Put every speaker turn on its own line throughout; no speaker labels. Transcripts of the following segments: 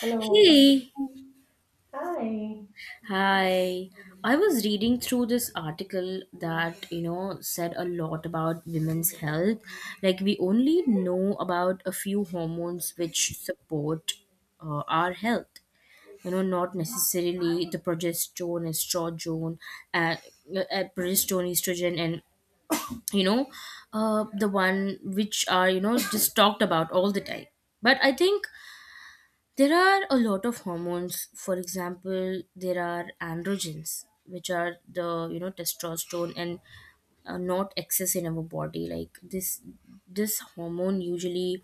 Hello.
Hey,
Hi.
hi. I was reading through this article that, you know, said a lot about women's health. Like, we only know about a few hormones which support our health. You know, not necessarily the and progesterone, estrogen, and you know, the one which are, you know, just talked about all the time. But I think there are a lot of hormones. For example, there are androgens, which are the, you know, testosterone and not excess in our body. Like this hormone usually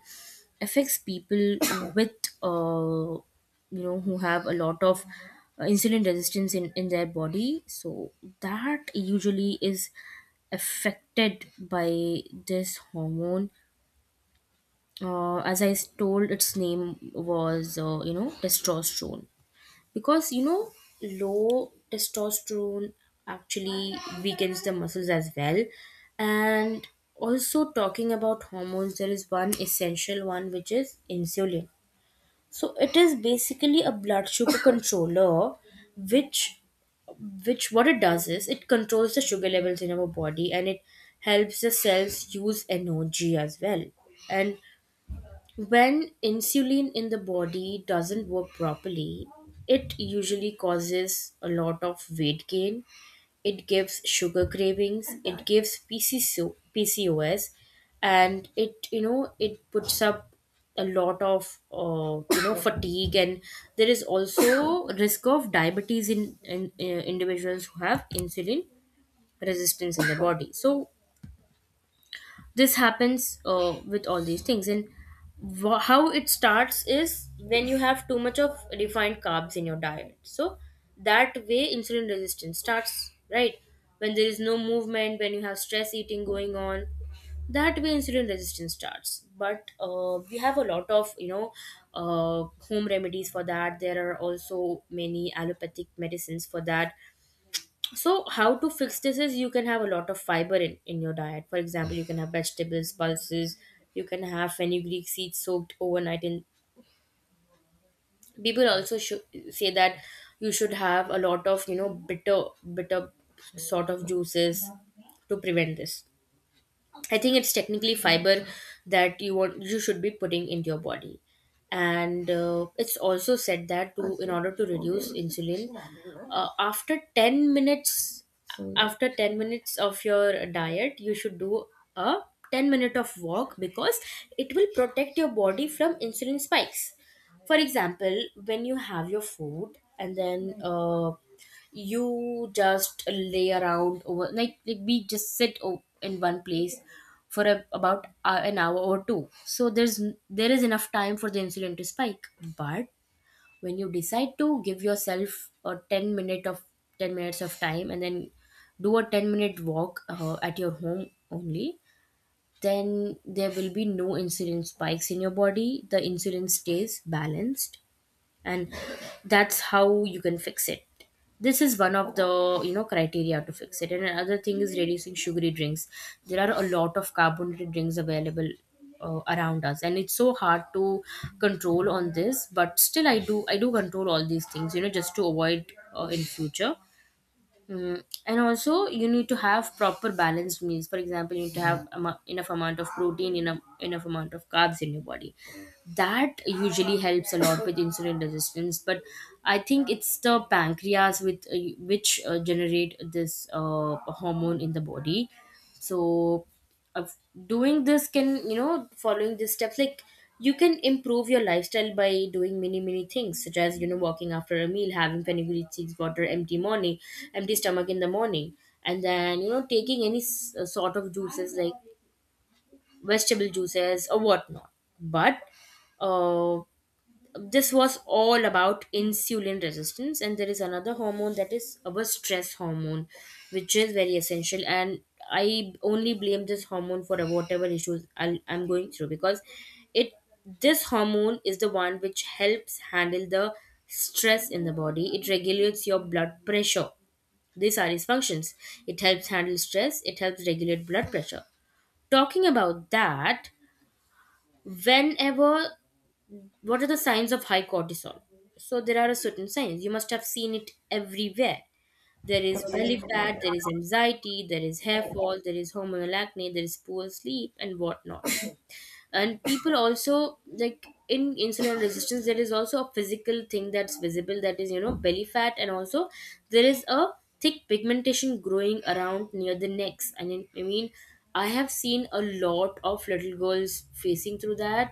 affects people with uh, you know, who have a lot of insulin resistance in their body. So that usually is affected by this hormone. As I told, its name was you know, testosterone, because, you know, low testosterone actually weakens the muscles as well. And also, talking about hormones, there is one essential one, which is insulin. So it is basically a blood sugar controller which, what it does is it controls the sugar levels in our body, and it helps the cells use energy as well. And when insulin in the body doesn't work properly, it usually causes a lot of weight gain. It gives sugar cravings. It gives PC so PCOS, and it, you know, it puts up a lot of you know, fatigue, and there is also risk of diabetes in individuals who have insulin resistance in the body. So this happens with all these things. And wha how it starts is when you have too much of refined carbs in your diet, so that way insulin resistance starts, right? When there is no movement, when you have stress eating going on, that way insulin resistance starts. But we have a lot of, you know, uh, home remedies for that. There are also many allopathic medicines for that. So how to fix this is you can have a lot of fiber in your diet. For example, you can have vegetables, pulses. You can have fenugreek seeds soaked overnight in. People also should say that you should have a lot of, you know, bitter, bitter sort of juices to prevent this. I think it's technically fiber that you want, you should be putting into your body. And it's also said that, to, in order to reduce insulin, uh, after ten minutes after 10 minutes of your diet, you should do a 10 minute of walk, because it will protect your body from insulin spikes. For example, when you have your food and then. You just lay around over, like, we just in one place for about an hour or two. So there is enough time for the insulin to spike. But when you decide to give yourself a 10 minutes of time, and then do a 10-minute walk at your home only, then there will be no insulin spikes in your body. The insulin stays balanced, and that's how you can fix it. This is one of the, you know, criteria to fix it. And another thing is reducing sugary drinks. There are a lot of carbonated drinks available around us, and it's so hard to control on this, but still I do control all these things, you know, just to avoid in future. Mm, and also you need to have proper balanced meals. For example, you need to have enough amount of protein, enough amount of carbs in your body. That usually helps a lot with insulin resistance. But I think it's the pancreas with which generate this hormone in the body. So of doing this, can, you know, following these steps, like, you can improve your lifestyle by doing many, many things, such as, you know, walking after a meal, having fenugreek seeds water empty morning, empty stomach in the morning, and then, you know, taking any sort of juices, like vegetable juices or whatnot. But uh, this was all about insulin resistance. And there is another hormone that is our stress hormone, which is very essential. And I only blame this hormone for whatever issues I'm going through, because it, this hormone is the one which helps handle the stress in the body. It regulates your blood pressure. These are its functions. It helps handle stress, it helps regulate blood pressure. Talking about that, whenever, what are the signs of high cortisol? So there are certain signs. You must have seen it everywhere. There is belly
Absolutely.
fat, there is anxiety, there is hair fall, there is hormonal acne, there is poor sleep, and whatnot. And people also, like in insulin resistance, there is also a physical thing that's visible. That is, you know, belly fat, and also there is a thick pigmentation growing around near the necks. I mean, I have seen a lot of little girls facing through that,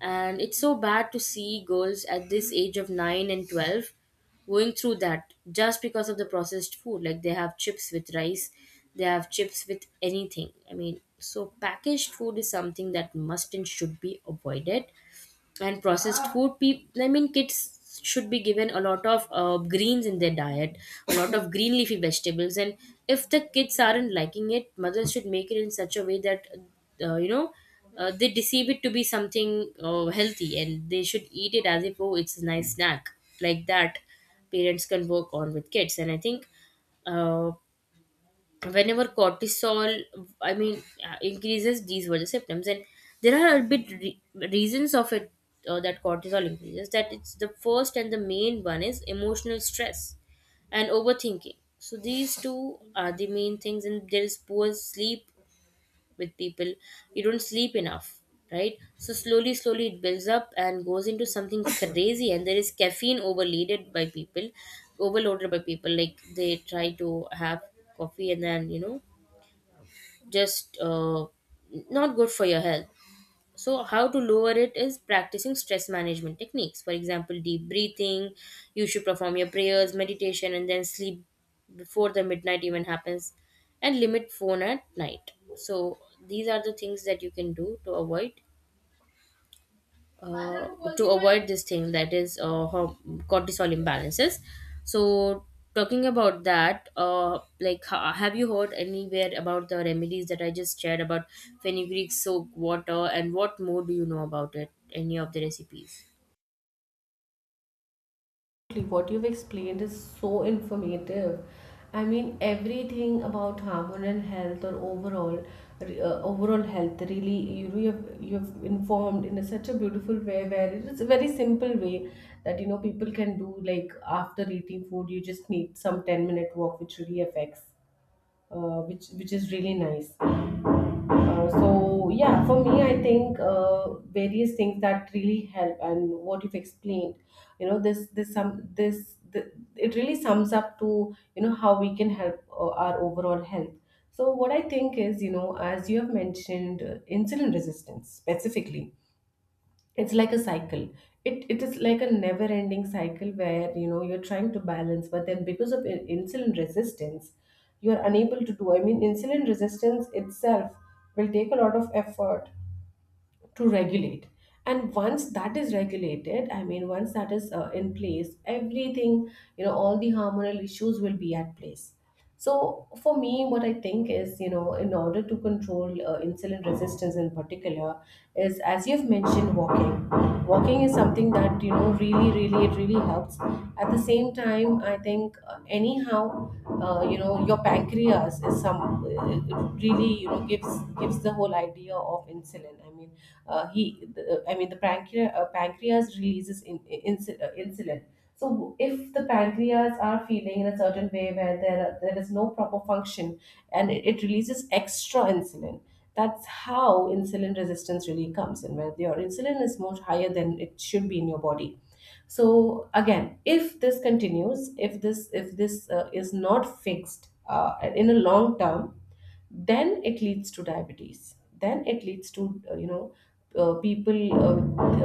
and it's so bad to see girls at this age of 9 and 12 going through that, just because of the processed food. Like, they have chips with rice, they have chips with anything. I mean, so packaged food is something that must and should be avoided, and processed food. People, I mean, kids should be given a lot of greens in their diet, a lot of green leafy vegetables. And if the kids aren't liking it, mothers should make it in such a way that you know, they deceive it to be something healthy, and they should eat it as if, oh, it's a nice snack, like that. Parents can work on with kids. And I think uh, whenever cortisol, I mean, increases, these were the symptoms. And there are a bit reasons of it, that cortisol increases, that, it's the first and the main one is emotional stress and overthinking. So these two are the main things. And there is poor sleep with people, you don't sleep enough, right? So slowly, slowly it builds up and goes into something crazy. And there is caffeine overloaded by people, like they try to have coffee, and then, you know, just not good for your health. So, how to lower it is practicing stress management techniques. For example, deep breathing, you should perform your prayers, meditation, and then sleep before the midnight even happens, and limit phone at night. So, these are the things that you can do to avoid uh, this thing that is cortisol imbalances. So, talking about that, like, have you heard anywhere about the remedies that I just shared about fenugreek soak water, and what more do you know about it, any of the recipes?
Correctly. What you've explained is so informative. I mean, everything about hormonal health or overall, overall health. Really, you know, you've informed in a, such a beautiful way, where it is a very simple way that you know people can do. Like after eating food, you just need some 10 minute walk, which really affects, which is really nice. So yeah, for me, I think various things that really help, and what you've explained, you know, this some this the, it really sums up to you know how we can help our overall health. So what I think is, you know, as you have mentioned, insulin resistance specifically, it's like a cycle. It is like a never ending cycle where you know you're trying to balance but then because of insulin resistance you're unable to do, I mean insulin resistance itself will take a lot of effort to regulate. And once that is regulated, I mean once that is in place, everything, you know, all the hormonal issues will be at place. So for me what I think is, you know, in order to control insulin resistance in particular is as you've mentioned, walking is something that you know really really it really helps. At the same time, I think anyhow, you know your pancreas is some, it really, you know, gives is the whole idea of insulin. I mean, I mean, the pancreas, pancreas releases insulin. So if the pancreas are feeling in a certain way where there is no proper function and it releases extra insulin, that's how insulin resistance really comes in, where your insulin is much higher than it should be in your body. So again if this continues, if this is not fixed in a long term, then it leads to diabetes, then it leads to you know, people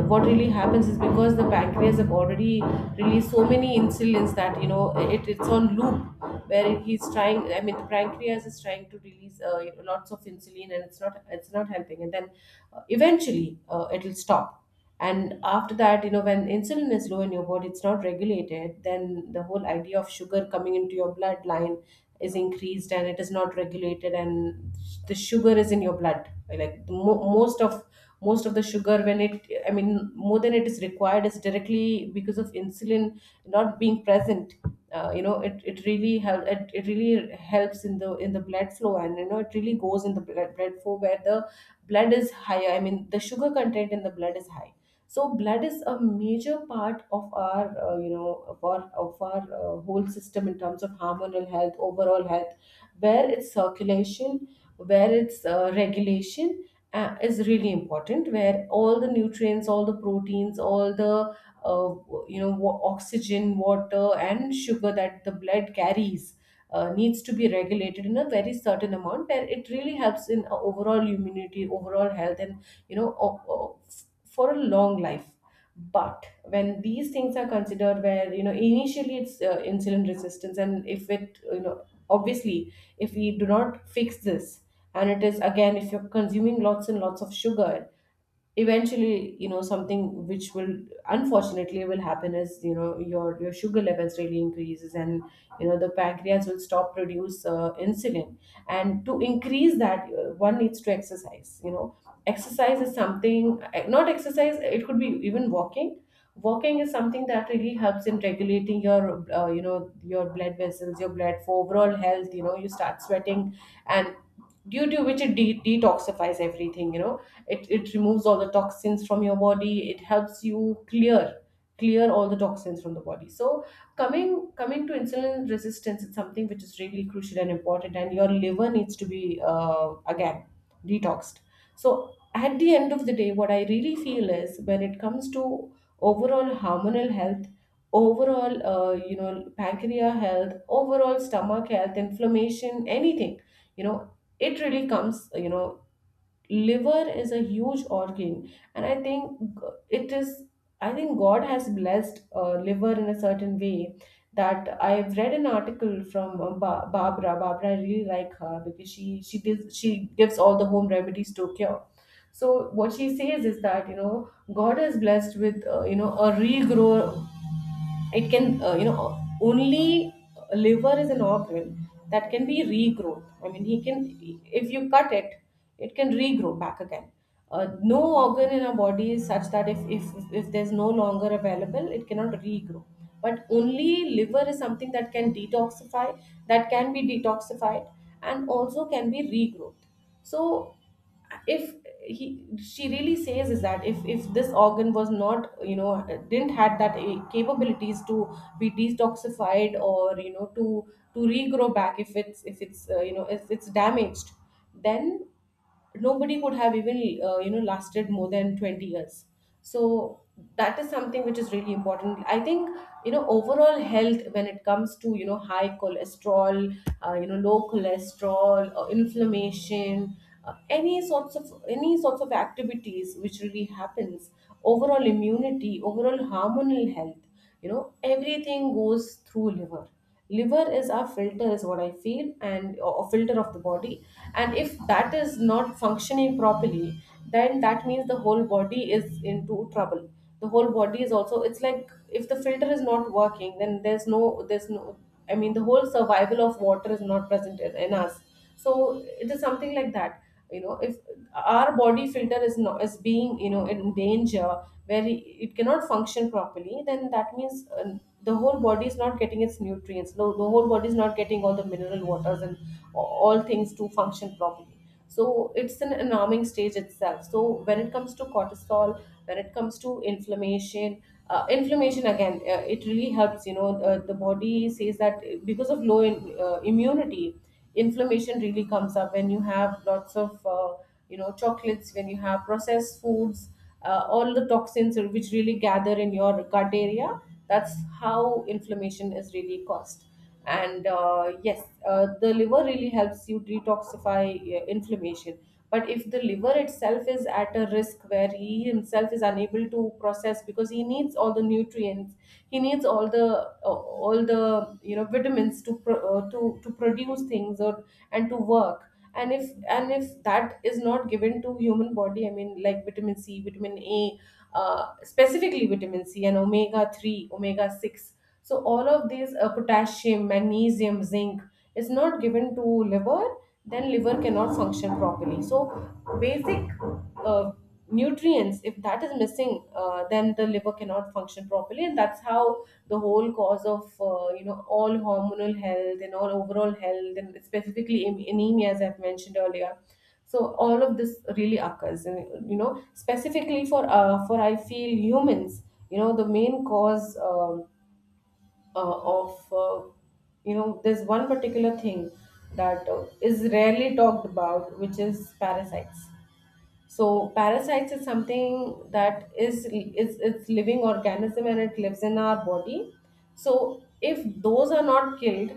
what really happens is because the pancreas have already released so many insulins that you know it's on loop where he's trying, I mean the pancreas is trying to release, you know, lots of insulin and it's not helping, and then eventually it'll stop. And after that, you know, when insulin is low in your body, it's not regulated, then the whole idea of sugar coming into your bloodline is increased and it is not regulated. And the sugar is in your blood, like the most of the sugar, when it, I mean more than it is required, is directly because of insulin not being present. You know, it really helps in the blood flow, and you know it really goes in the blood flow where the blood is higher, I mean the sugar content in the blood is high. So blood is a major part of our you know, of our whole system in terms of hormonal health, overall health, where its circulation, where its regulation, is really important, where all the nutrients, all the proteins, all the uh, you know, oxygen, water, and sugar that the blood carries, needs to be regulated in a very certain amount, where it really helps in overall immunity, overall health, and you know for a long life. But when these things are considered, where you know initially it's insulin resistance, and if it, you know, obviously, if we do not fix this, and it is again if you're consuming lots and lots of sugar, eventually, you know, something which will unfortunately will happen is, you know, your sugar levels really increases. And you know the pancreas will stop produce insulin. And to increase that, one needs to exercise, you know, exercise is something, eh, not exercise, it could be even walking. Walking is something that really helps in regulating your you know, your blood vessels, your blood, for overall health, you know you start sweating. And due to which it detoxifies everything, you know, it removes all the toxins from your body, it helps you clear all the toxins from the body. So coming to insulin resistance, it's something which is really crucial and important, and your liver needs to be, again, detoxed. So at the end of the day, what I really feel is, when it comes to overall hormonal health, overall you know pancreas health, overall stomach health, inflammation, anything, you know it really comes, you know, liver is a huge organ. And I think, it is, I think God has blessed liver in a certain way, that I've read an article from Barbara. I really like her because she gives all the home remedies to cure. So what she says is that you know God has blessed with you know, a regrow. It can, you know, only, liver is an organ that can be regrown. I mean, he can, if you cut it, it can regrow back again. No organ in our body is such that if there's no longer available, it cannot regrow. But only liver is something that can detoxify, that can be detoxified, and also can be regrowth. So if, he, she really says is that, if this organ was not, you know, didn't had that, eh, capabilities to be detoxified, or you know, to regrow back if it's you know, if it's damaged, then nobody could have even you know, lasted more than 20 years. So that is something which is really important, I think, you know, overall health, when it comes to you know high cholesterol, you know, low cholesterol, inflammation, any sorts of, any sorts of activities which really happens, overall immunity, overall hormonal health, you know, everything goes through liver. Liver is our filter, is what I feel, and, or, filter of the body. And if that is not functioning properly, then that means the whole body is into trouble, the whole body is also, it's like if the filter is not working, then there's no, there's no, I mean the whole survival of water is not present in us. So it is something like that. You know, if our body filter is not, is being, you know, in danger, where it cannot function properly, then that means, the whole body is not getting its nutrients. No, the whole body is not getting all the mineral waters and all things to function properly. So it's an alarming stage itself. So when it comes to cortisol, when it comes to inflammation, inflammation again, it really helps, you know, the body says that, because of low immunity, inflammation really comes up when you have lots of you know chocolates, when you have processed foods, all the toxins which really gather in your gut area, that's how inflammation is really caused. And yes, the liver really helps you detoxify inflammation. But if the liver itself is at a risk, where he himself is unable to process, because he needs all the nutrients, he needs all the, all the, you know, vitamins to to produce things or, and to work. And if that is not given to human body, I mean like vitamin C, vitamin A, specifically vitamin C and omega 3, omega 6, so all of these, potassium, magnesium, zinc, is not given to liver, then liver cannot function properly. So basic, uh, nutrients, if that is missing, then the liver cannot function properly. And that's how the whole cause of you know, all hormonal health and all overall health, and specifically, anemia, as I've mentioned earlier. So all of this really occurs. And you know specifically for, for, I feel humans, you know, the main cause. Of You know, there's one particular thing that, is rarely talked about, which is parasites. So parasites is something that is, it's living organism and it lives in our body. So if those are not killed,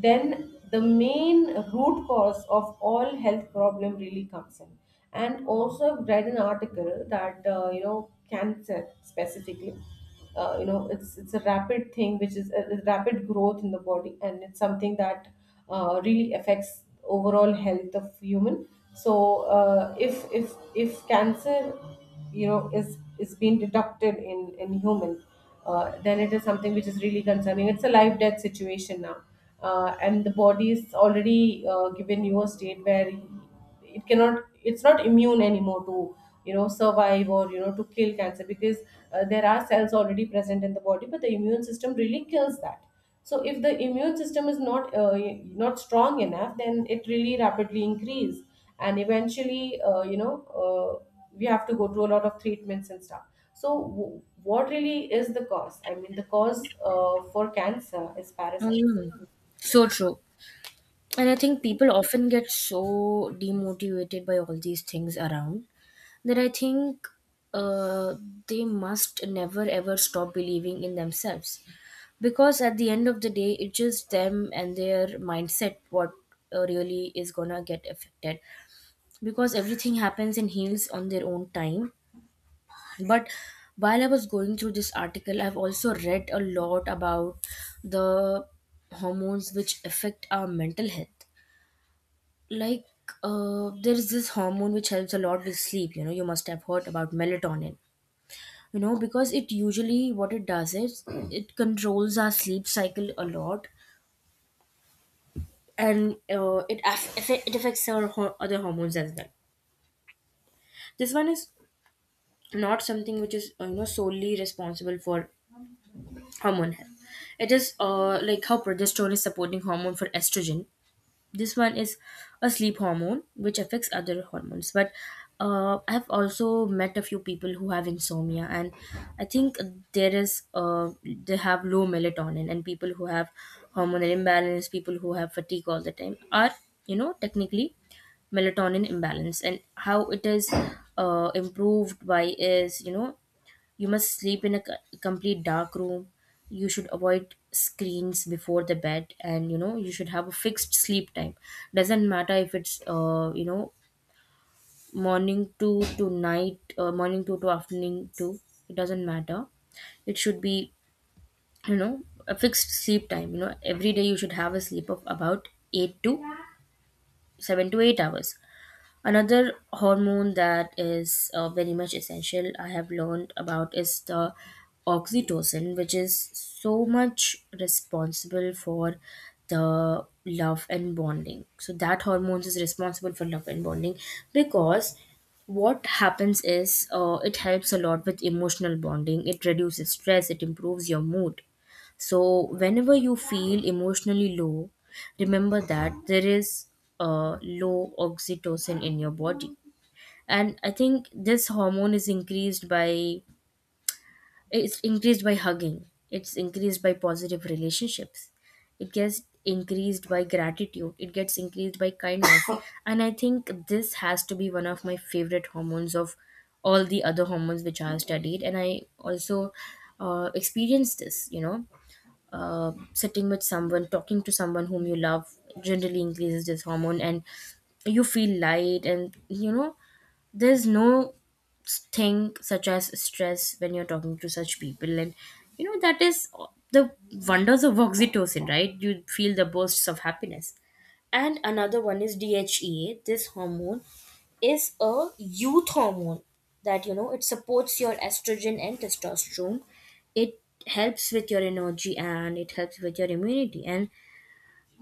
then the main root cause of all health problem really comes in. And also I've read an article that, you know, cancer specifically, you know, it's a rapid thing, which is a rapid growth in the body, and it's something that really affects overall health of human. So if cancer, you know, is being detected in human, then it is something which is really concerning. It's a life death situation now. And the body is already given you a state where it cannot, it's not immune anymore to survive or to kill cancer because there are cells already present in the body, but the immune system really kills that. So if the immune system is not strong enough, then it really rapidly increase, and eventually, uh, we have to go through a lot of treatments and stuff. So what really is the cause? I mean, the cause for cancer is parasites.
Mm, so true. And I think people often get so demotivated by all these things around, that I think uh, they must never ever stop believing in themselves. Because at the end of the day, it's just them and their mindset what really is gonna get affected. Because everything happens and heals on their own time. But while I was going through this article, I've also read a lot about the hormones which affect our mental health. Like, there is this hormone which helps a lot with sleep. You know, you must have heard about melatonin, you know, because it usually what it does is it controls our sleep cycle a lot. And it affects our other hormones as well. This one is not something which is, you know, solely responsible for hormone health. It is, like how progesterone is supporting hormone for estrogen, this one is a sleep hormone which affects other hormones. But I have also met a few people who have insomnia. And I think there is, they have low melatonin. And people who have hormonal imbalance, people who have fatigue all the time, are, you know, technically melatonin imbalance. And how it is improved by is, you know, you must sleep in a complete dark room. You should avoid screens before the bed, and, you know, you should have a fixed sleep time. Doesn't matter if it's you know, morning two to night, morning two to afternoon two. It doesn't matter. It should be, you know, a fixed sleep time. You know, every day you should have a sleep of about eight to seven to eight hours. Another hormone that is very much essential I have learned about is the oxytocin, which is so much responsible for the love and bonding. So that hormone is responsible for love and bonding, because what happens is, it helps a lot with emotional bonding. It reduces stress. It improves your mood. So, whenever you feel emotionally low, remember that there is a low oxytocin in your body. And I think this hormone is increased by it's increased by hugging. It's increased by positive relationships. It gets increased by gratitude. It gets increased by kindness. And I think this has to be one of my favorite hormones of all the other hormones which I have studied. And I also experienced this. Sitting with someone, talking to someone whom you love, generally increases this hormone, and you feel light. And you know, there's no thing such as stress when you're talking to such people, and you know that is the wonders of oxytocin, right? You feel the bursts of happiness. And another one is DHEA. This hormone is a youth hormone that you know it supports your estrogen and testosterone. It helps with your energy and it helps with your immunity. And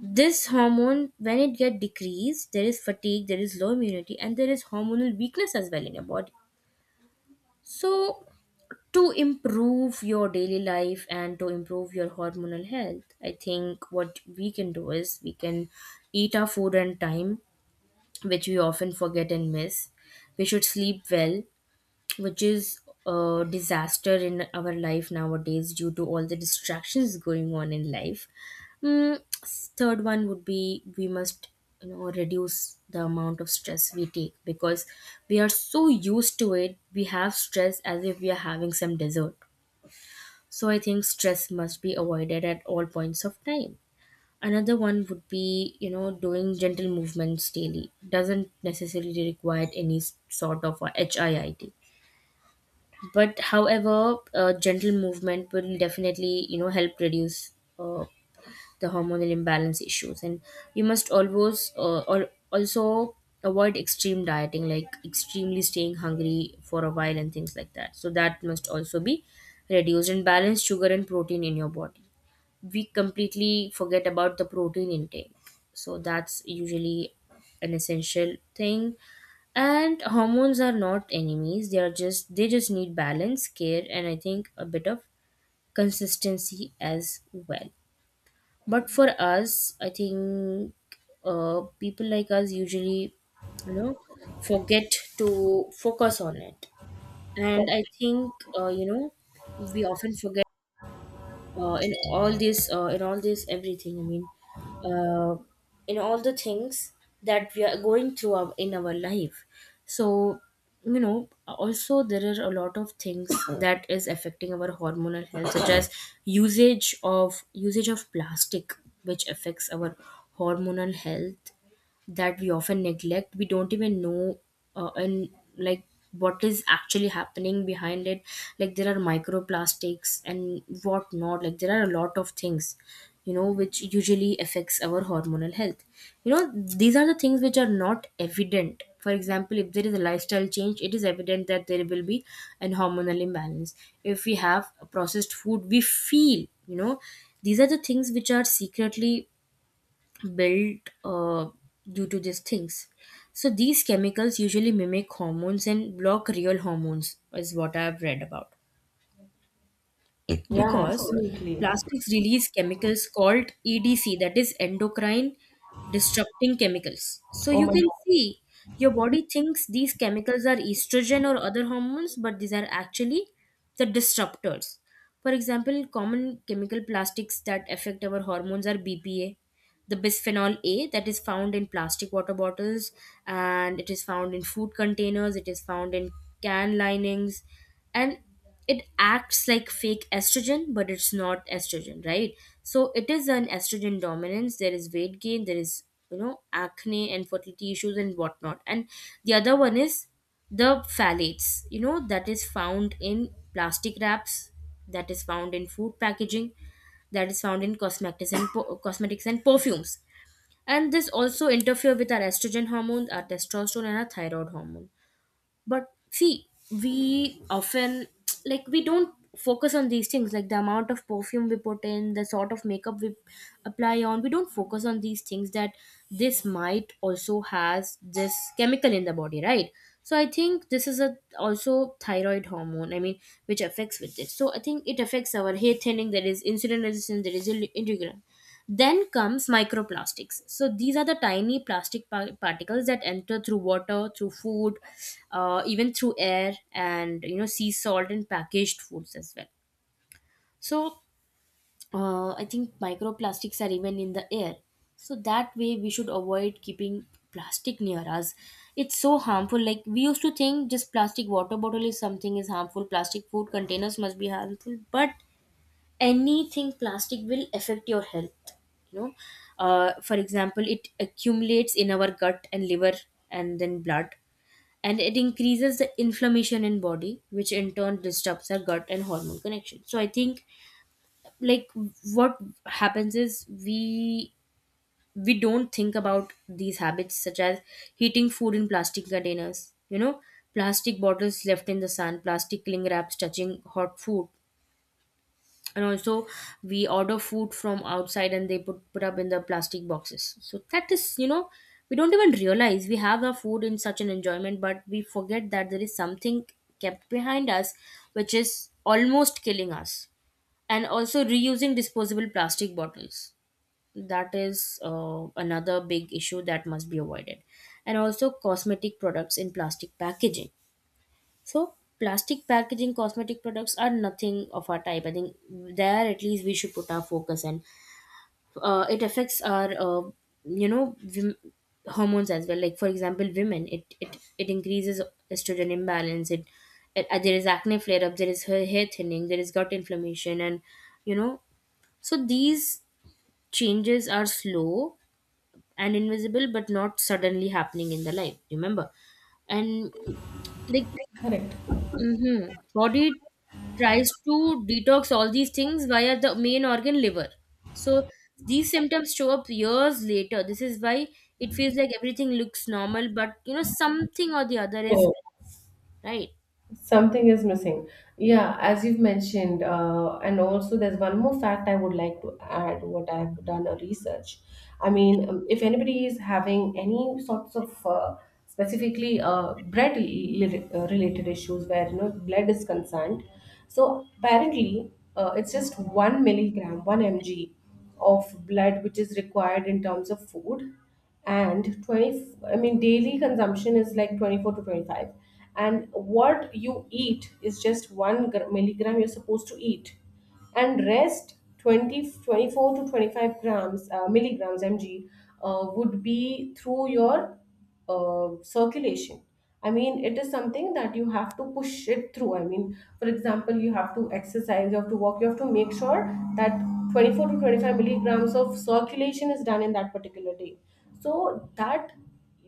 this hormone, when it get decreased, there is fatigue, there is low immunity, and there is hormonal weakness as well in your body. So to improve your daily life and to improve your hormonal health, I think what we can do is we can eat our food on time, which we often forget and miss. We should sleep well, which is a disaster in our life nowadays due to all the distractions going on in life. Third one would be we must you know reduce the amount of stress we take because we are so used to it, we have stress as if we are having some dessert. So I think stress must be avoided at all points of time. Another one would be, you know, doing gentle movements daily. Doesn't necessarily require any sort of a HIIT. But however, gentle movement will definitely, you know, help reduce uh, the hormonal imbalance issues. And you must always also avoid extreme dieting, like extremely staying hungry for a while and things like that. So that must also be reduced, and balance sugar and protein in your body. We completely forget about the protein intake. So that's usually an essential thing. And hormones are not enemies. They are just need balance, care, and I think a bit of consistency as well. But for us, I think people like us usually, you know, forget to focus on it. And
Correct.
I think you know we often forget in all this everything, uh, in all the things that we are going in our life. So you know also there are a lot of things that is affecting our hormonal health, such as usage of plastic, which affects our hormonal health, that we often neglect, we don't even know, and like what is actually happening behind it. Like there are microplastics and whatnot, like there are a lot of things, you know, which usually affects our hormonal health. You know these are the things which are not evident. For example, if there is a lifestyle change, it is evident that there will be an hormonal imbalance. If we have processed food, we feel, you know, these are the things which are secretly built due to these things. So these chemicals usually mimic hormones and block real hormones, is what I've read about.
Yeah,
Because
absolutely.
plastics release chemicals called EDC, that is endocrine disrupting chemicals. So
Oh
you
my
can
God,
see your body thinks these chemicals are estrogen or other hormones, but these are actually the disruptors. For example, common chemical plastics that affect our hormones are BPA, the bisphenol A, that is found in plastic water bottles, and it is found in food containers, it is found in can linings, and it acts like fake estrogen, but it's not estrogen, right? So it is an estrogen dominance. There is weight gain, there is you know acne and fertility issues and whatnot. And the other one is the phthalates, you know, that is found in plastic wraps, that is found in food packaging, that is found in cosmetics and perfumes, and this also interfere with our estrogen hormones, our testosterone, and our thyroid hormone. But see, we often like we don't focus on these things, like the amount of perfume we put in, the sort of makeup we apply on, we don't focus on these things, that this might also has this chemical in the body, right? So I think this is a also thyroid hormone, which affects with it. So I think it affects our hair thinning, there is insulin resistance, there is irregular. Then comes microplastics. So these are the tiny particles that enter through water, through food, even through air, and you know sea salt and packaged foods as well. So I think microplastics are even in the air. So that way we should avoid keeping plastic near us. It's so harmful. Like we used to think just plastic water bottle is something is harmful. Plastic food containers must be harmful, but anything plastic will affect your health, you know. For example, it accumulates in our gut and liver, and then blood, and it increases the inflammation in body, which in turn disturbs our gut and hormone connection. So I think, like, what happens is we don't think about these habits, such as heating food in plastic containers, you know, plastic bottles left in the sun, plastic cling wraps touching hot food. And also, we order food from outside and they put up in the plastic boxes, so that is, you know, we don't even realize, we have our food in such an enjoyment, but we forget that there is something kept behind us which is almost killing us. And also reusing disposable plastic bottles, that is another big issue that must be avoided. And also cosmetic products in plastic packaging. So plastic packaging cosmetic products are nothing of our type. I think there at least we should put our focus. And it affects our you know wom- hormones as well. Like for example, women, it increases estrogen imbalance. It There is acne flare up. There is hair thinning. There is gut inflammation, and you know, so these changes are slow and invisible, but not suddenly happening in the life. Remember. And like
correct.
Mm-hmm. Body tries to detox all these things via the main organ liver. So these symptoms show up years later. This is why it feels like everything looks normal, but you know something or the other is right.
Something is missing. Yeah, as you've mentioned, and also there's one more fact I would like to add what I've done a research. I mean, if anybody is having any sorts of specifically blood related issues where blood is concerned. So apparently it's just 1 mg, 1 mg of blood which is required in terms of food. And 20, I mean, daily consumption is like 24 to 25, and what you eat is just 1 milligram you're supposed to eat, and rest 20 24 to 25 grams milligrams mg would be through your circulation. I mean, it is something that you have to push it through. I mean, for example, you have to exercise, you have to walk, you have to make sure that 24 to 25 milligrams of circulation is done in that particular day. So that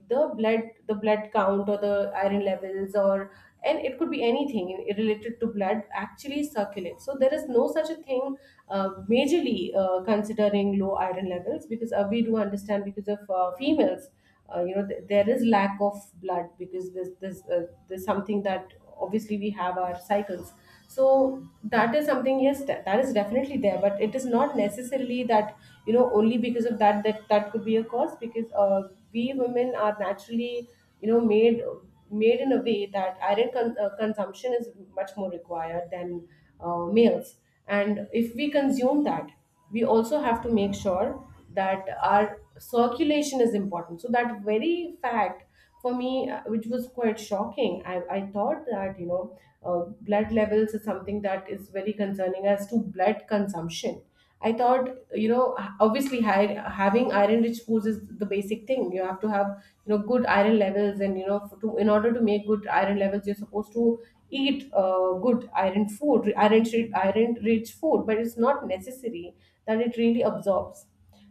the blood, the blood count or the iron levels or and it could be anything related to blood actually circulates. So there is no such a thing majorly considering low iron levels, because we do understand because of females there is lack of blood, because there's something that obviously we have our cycles. So that is something, yes, that is definitely there, but it is not necessarily that only because of that, that could be a cause, because we women are naturally you know made made in a way that iron consumption is much more required than meals. And if we consume that, we also have to make sure that our circulation is important. So, that very fact for me, which was quite shocking, I thought that, blood levels is something that is very concerning as to blood consumption. I thought, obviously, having iron rich foods is the basic thing. You have to have good iron levels, and in order to make good iron levels you're supposed to eat good iron food iron rich food, but it's not necessary that it really absorbs.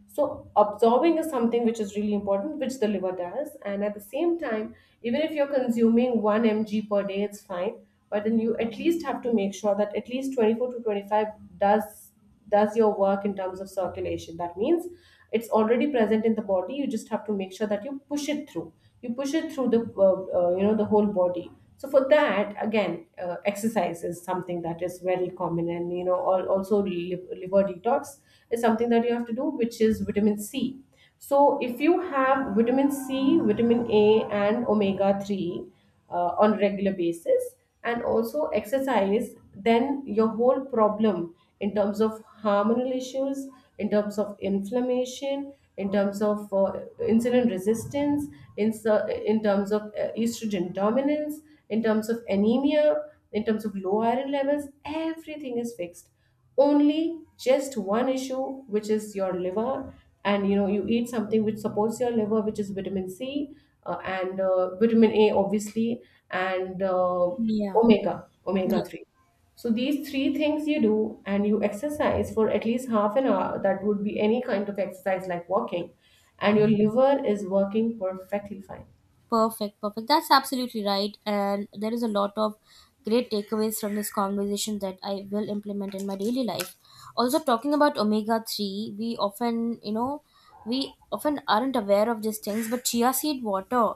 So, absorbing is something which is really important, which the liver does. And at the same time, even if you're consuming 1 mg per day, it's fine. But then you at least have to make sure that at least 24 to 25 does does your work in terms of circulation. That means it's already present in the body. You just have to make sure that you push it through. You push it through the the whole body. So for that, again, exercise is something that is very common, and also liver detox is something that you have to do, which is vitamin C. So, if you have vitamin C, vitamin A, and omega 3 on a regular basis, and also exercise, then your whole problem in terms of hormonal issues, in terms of inflammation, in terms of insulin resistance, in terms of estrogen dominance, in terms of anemia, in terms of low iron levels, everything is fixed. Only just one issue, which is your liver, and you eat something which supports your liver, which is vitamin C, and vitamin A, obviously, and
Yeah.
omega 3. So these three things you do, and you exercise for at least half an hour. That would be any kind of exercise like walking, and your liver is working perfectly fine.
Perfect, perfect. That's absolutely right. And there is a lot of great takeaways from this conversation that I will implement in my daily life. Also, talking about omega 3, we often aren't aware of these things, but chia seed water,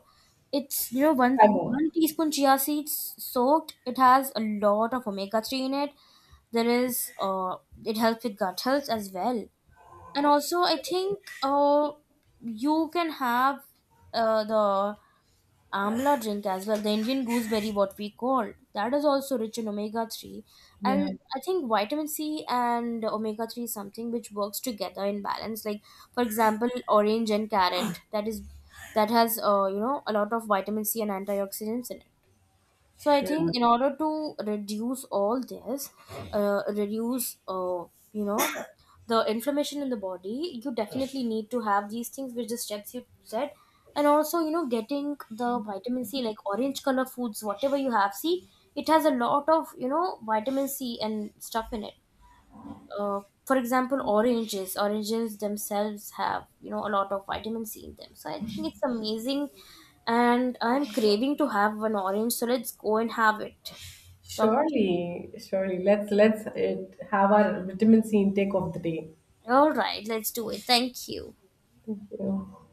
it's
Five more.
one teaspoon chia seeds soaked, it has a lot of omega 3 in it. There is, it helps with gut health as well. And also, I think you can have the amla drink as well, the Indian gooseberry what we call, that is also rich in omega 3.
Yeah,
And I think vitamin C and omega 3 is something which works together in balance. Like for example, orange and carrot, that is that has you know a lot of vitamin C and antioxidants in it. So I
yeah,
think in order to reduce all this, reduce you know, the inflammation in the body, you definitely need to have these things, which the steps you said. And also you know getting the vitamin C, like orange color foods, whatever you have. See, it has a lot of you know vitamin C and stuff in it. For example, oranges themselves have you know a lot of vitamin C in them, so I think it's amazing. And I'm craving to have an orange, so let's go and have it. Doc-
surely, surely, let's uh, have our vitamin C intake of the day.
all right, let's do it, thank you.
Thank you.